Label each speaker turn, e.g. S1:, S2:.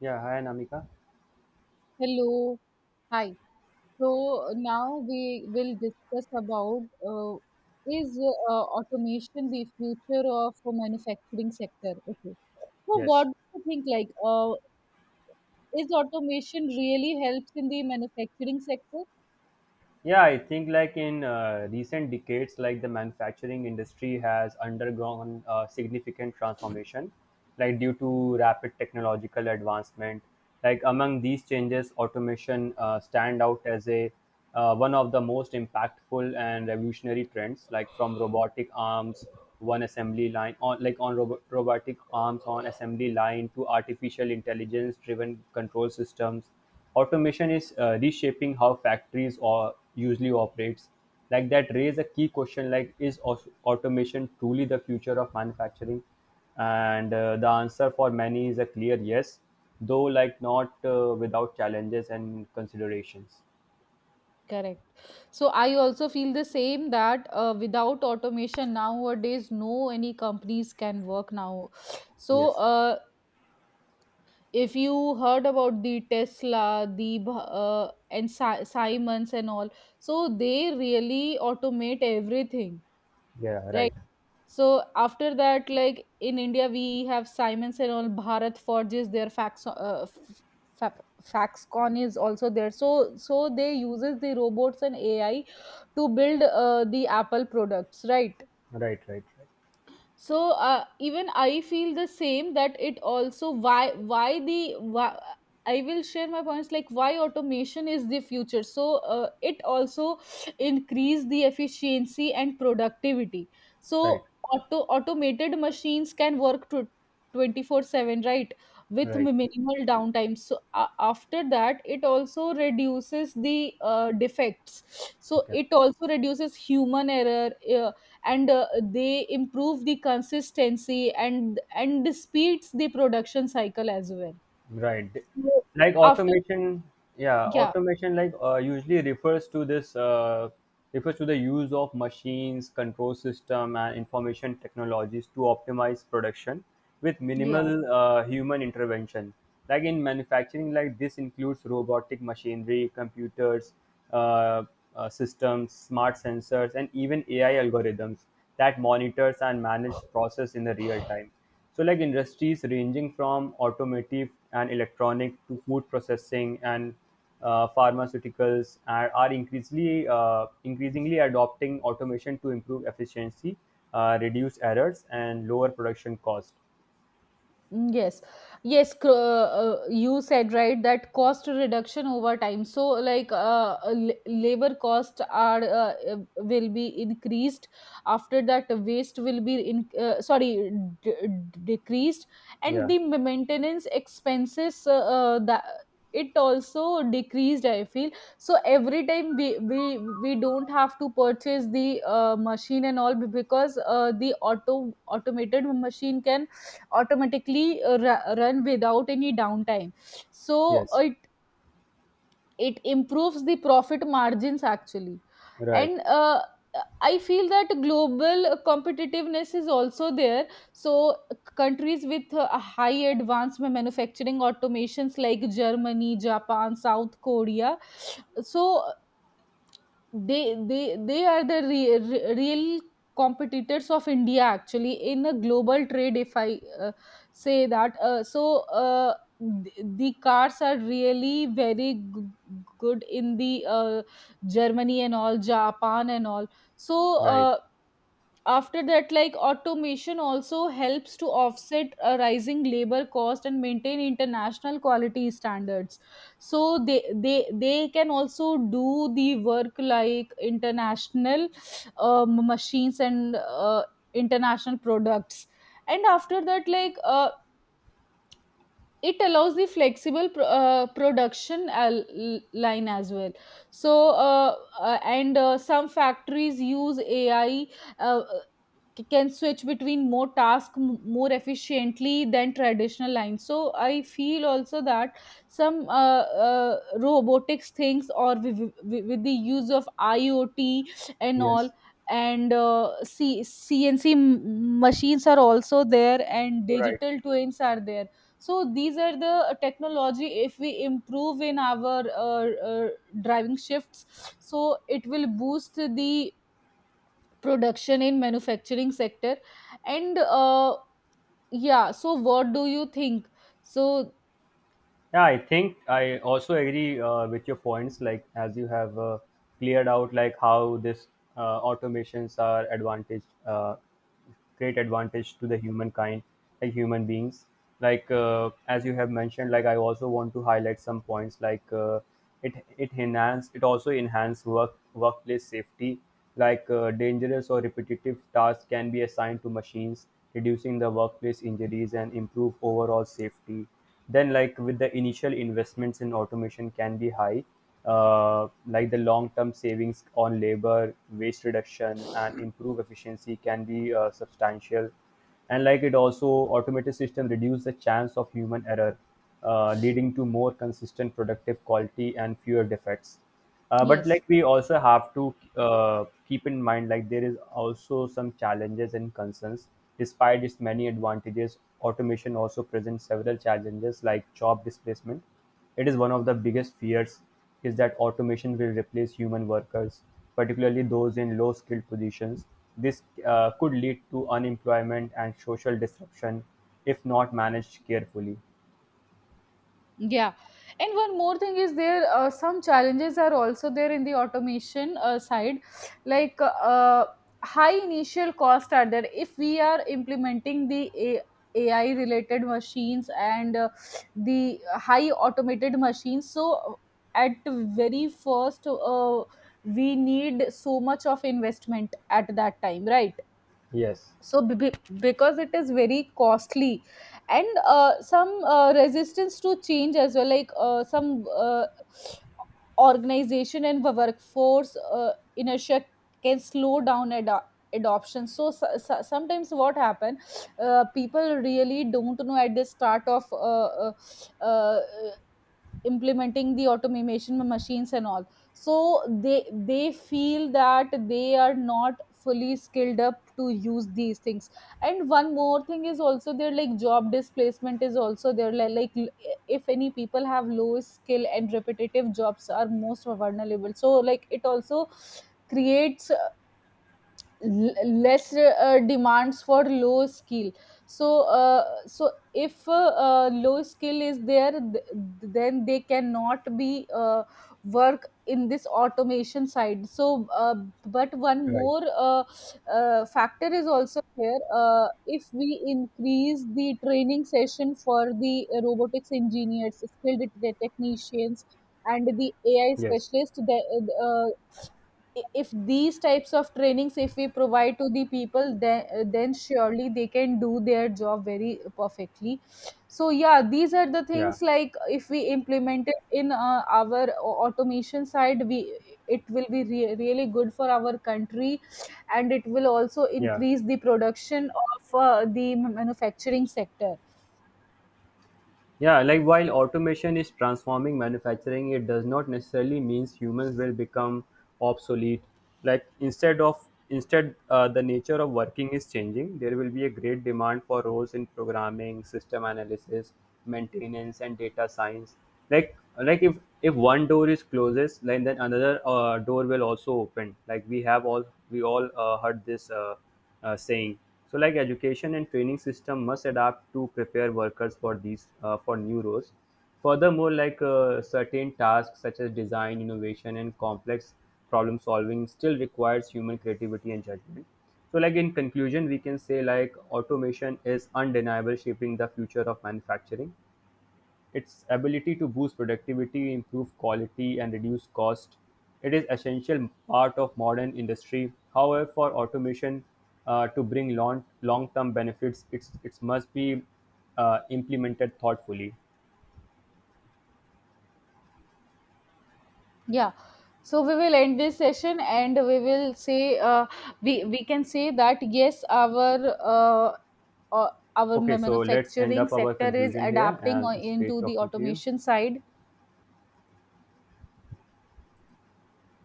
S1: Yeah, hi Namika.
S2: Hello. Hi. So now we will discuss about uh, is automation the future of the manufacturing sector? Okay. So what
S1: Yes.
S2: do you think like is automation really helps in the manufacturing sector?
S1: Yeah, I think like in recent decades, like the manufacturing industry has undergone significant transformation, like due to rapid technological advancement. Like among these changes, automation stand out as a one of the most impactful and revolutionary trends. Like from robotic arms, one assembly line on like on robotic arms on assembly line to artificial intelligence driven control systems. Automation is reshaping how factories or usually operates. Like that raise a key question like is automation truly the future of manufacturing? And the answer for many is a clear yes, though like not without challenges and considerations.
S2: Correct. So I also feel the same that without automation nowadays, no any companies can work now. So
S1: Yes.
S2: uh, if you heard about the tesla and simons and all, so they really automate everything,
S1: Yeah.
S2: right.
S1: Right.
S2: So after that like in india we have simons and all bharat forges their faxcon is also there, so they uses the robots and ai to build the apple products, right.
S1: Right. Right.
S2: So even I feel the same that it also why, I will share my points like why automation is the future. So it also increase the efficiency and productivity.
S1: Right. Right.
S2: So automated machines can work to 24/7, right, with
S1: Right.
S2: minimal downtime. So after that it also reduces the defects, so
S1: Okay.
S2: it also reduces human error, uh, and they improve the consistency and speeds the production cycle as well.
S1: Right.
S2: So
S1: Like
S2: after
S1: automation, yeah,
S2: yeah
S1: automation like usually refers to this refers to the use of machines, control system, and information technologies to optimize production with
S2: yeah
S1: minimal human intervention. Like in manufacturing, like this includes robotic machinery, computers, uh, systems, smart sensors, and even AI algorithms that monitors and manage process in the real time. So like industries ranging from automotive and electronic to food processing and pharmaceuticals are increasingly increasingly adopting automation to improve efficiency, reduce errors, and lower production cost.
S2: Yes, yes, you said right that cost reduction over time. So, like, labor cost are will be increased. After that, waste will be in sorry, decreased, and
S1: Yeah.
S2: the maintenance expenses that it also decreased. I feel so every time we don't have to purchase the machine and all, because the automated machine can automatically run without any downtime. So
S1: Yes.
S2: it improves the profit margins actually.
S1: Right.
S2: And I feel that global competitiveness is also there. So countries with high advanced manufacturing automations like germany, japan, south korea, so they are the real competitors of india actually in a global trade, if I say that. The cars are really very good in the germany and all, japan and all. So
S1: Right.
S2: after that like automation also helps to offset a rising labor cost and maintain international quality standards. So they can also do the work like international machines and international products. And after that like it allows the flexible production line as well. So and some factories use ai uh, can switch between more tasks more efficiently than traditional lines. So I feel also that some uh, robotics things or with the use of iot and all,
S1: Yes.
S2: and cnc machines are also there, and
S1: Right.
S2: digital twins are there. So these are the technology, if we improve in our driving shifts, so it will boost the production in manufacturing sector. And yeah, so what do you think? So
S1: Yeah, I think I also agree with your points. Like as you have cleared out, like how this automations are advantage, great advantage to the humankind, like human beings. Like as you have mentioned, like I also want to highlight some points. Like it also enhance workplace safety. Like dangerous or repetitive tasks can be assigned to machines, reducing the workplace injuries and improve overall safety. Then, like with the initial investments in automation can be high, like the long-term savings on labor, waste reduction, and improve efficiency can be substantial. And like it also automated system reduce the chance of human error, leading to more consistent productive quality and fewer defects. But
S2: yes.
S1: like we also have to keep in mind like there is also some challenges and concerns. Despite its many advantages, automation also presents several challenges like job displacement. It is one of the biggest fears is that automation will replace human workers, particularly those in low skilled positions. This could lead to unemployment and social disruption if not managed carefully.
S2: Yeah, and one more thing is there, some challenges are also there in the automation side, like high initial cost are there. If we are implementing the AI related machines and the high automated machines, so at very first we need so much of investment at that time, right?
S1: Yes.
S2: So because it is very costly. And some resistance to change as well, like some organization and workforce inertia can slow down adoption. So, sometimes what happen, people really don't know at the start of uh, implementing the automation machines and all, so they they feel that they are not fully skilled up to use these things. And one more thing is also their, like job displacement is also there, like, if any people have low skill and repetitive jobs are most vulnerable. So like it also creates less demands for low skill. So so if low skill is there, then they cannot be work in this automation side. So but one
S1: Right.
S2: more factor is also here. If we increase the training session for the robotics engineers, skilled technicians and the ai
S1: Yes.
S2: specialist, uh, if these types of trainings if we provide to the people, then surely they can do their job very perfectly. So yeah, these are the
S1: Yeah.
S2: things, like if we implement it in our automation side, we it will be really good for our country. And it will also
S1: Yeah.
S2: increase the production of the manufacturing sector.
S1: Yeah, like while automation is transforming manufacturing, it does not necessarily means humans will become obsolete. Like instead, the nature of working is changing. There will be a great demand for roles in programming, system analysis, maintenance, and data science. Like like if one door is closes, like then another door will also open. Like we all heard this. Saying. So, like education and training system must adapt to prepare workers for these for new roles. Furthermore, like certain tasks such as design, innovation, and complex problem solving still requires human creativity and judgment. So, like in conclusion, we can say like automation is undeniable shaping the future of manufacturing. Its ability to boost productivity, improve quality, and reduce cost. It is essential part of modern industry. However, for automation to bring long term benefits, it must be implemented thoughtfully.
S2: Yeah, so we will end this session, and we will say we can say that yes, uh, our
S1: Okay, so let's end
S2: manufacturing
S1: up our
S2: sector is
S1: conclusion here,
S2: adapting
S1: and it's great
S2: into the
S1: talking to you.
S2: automation side.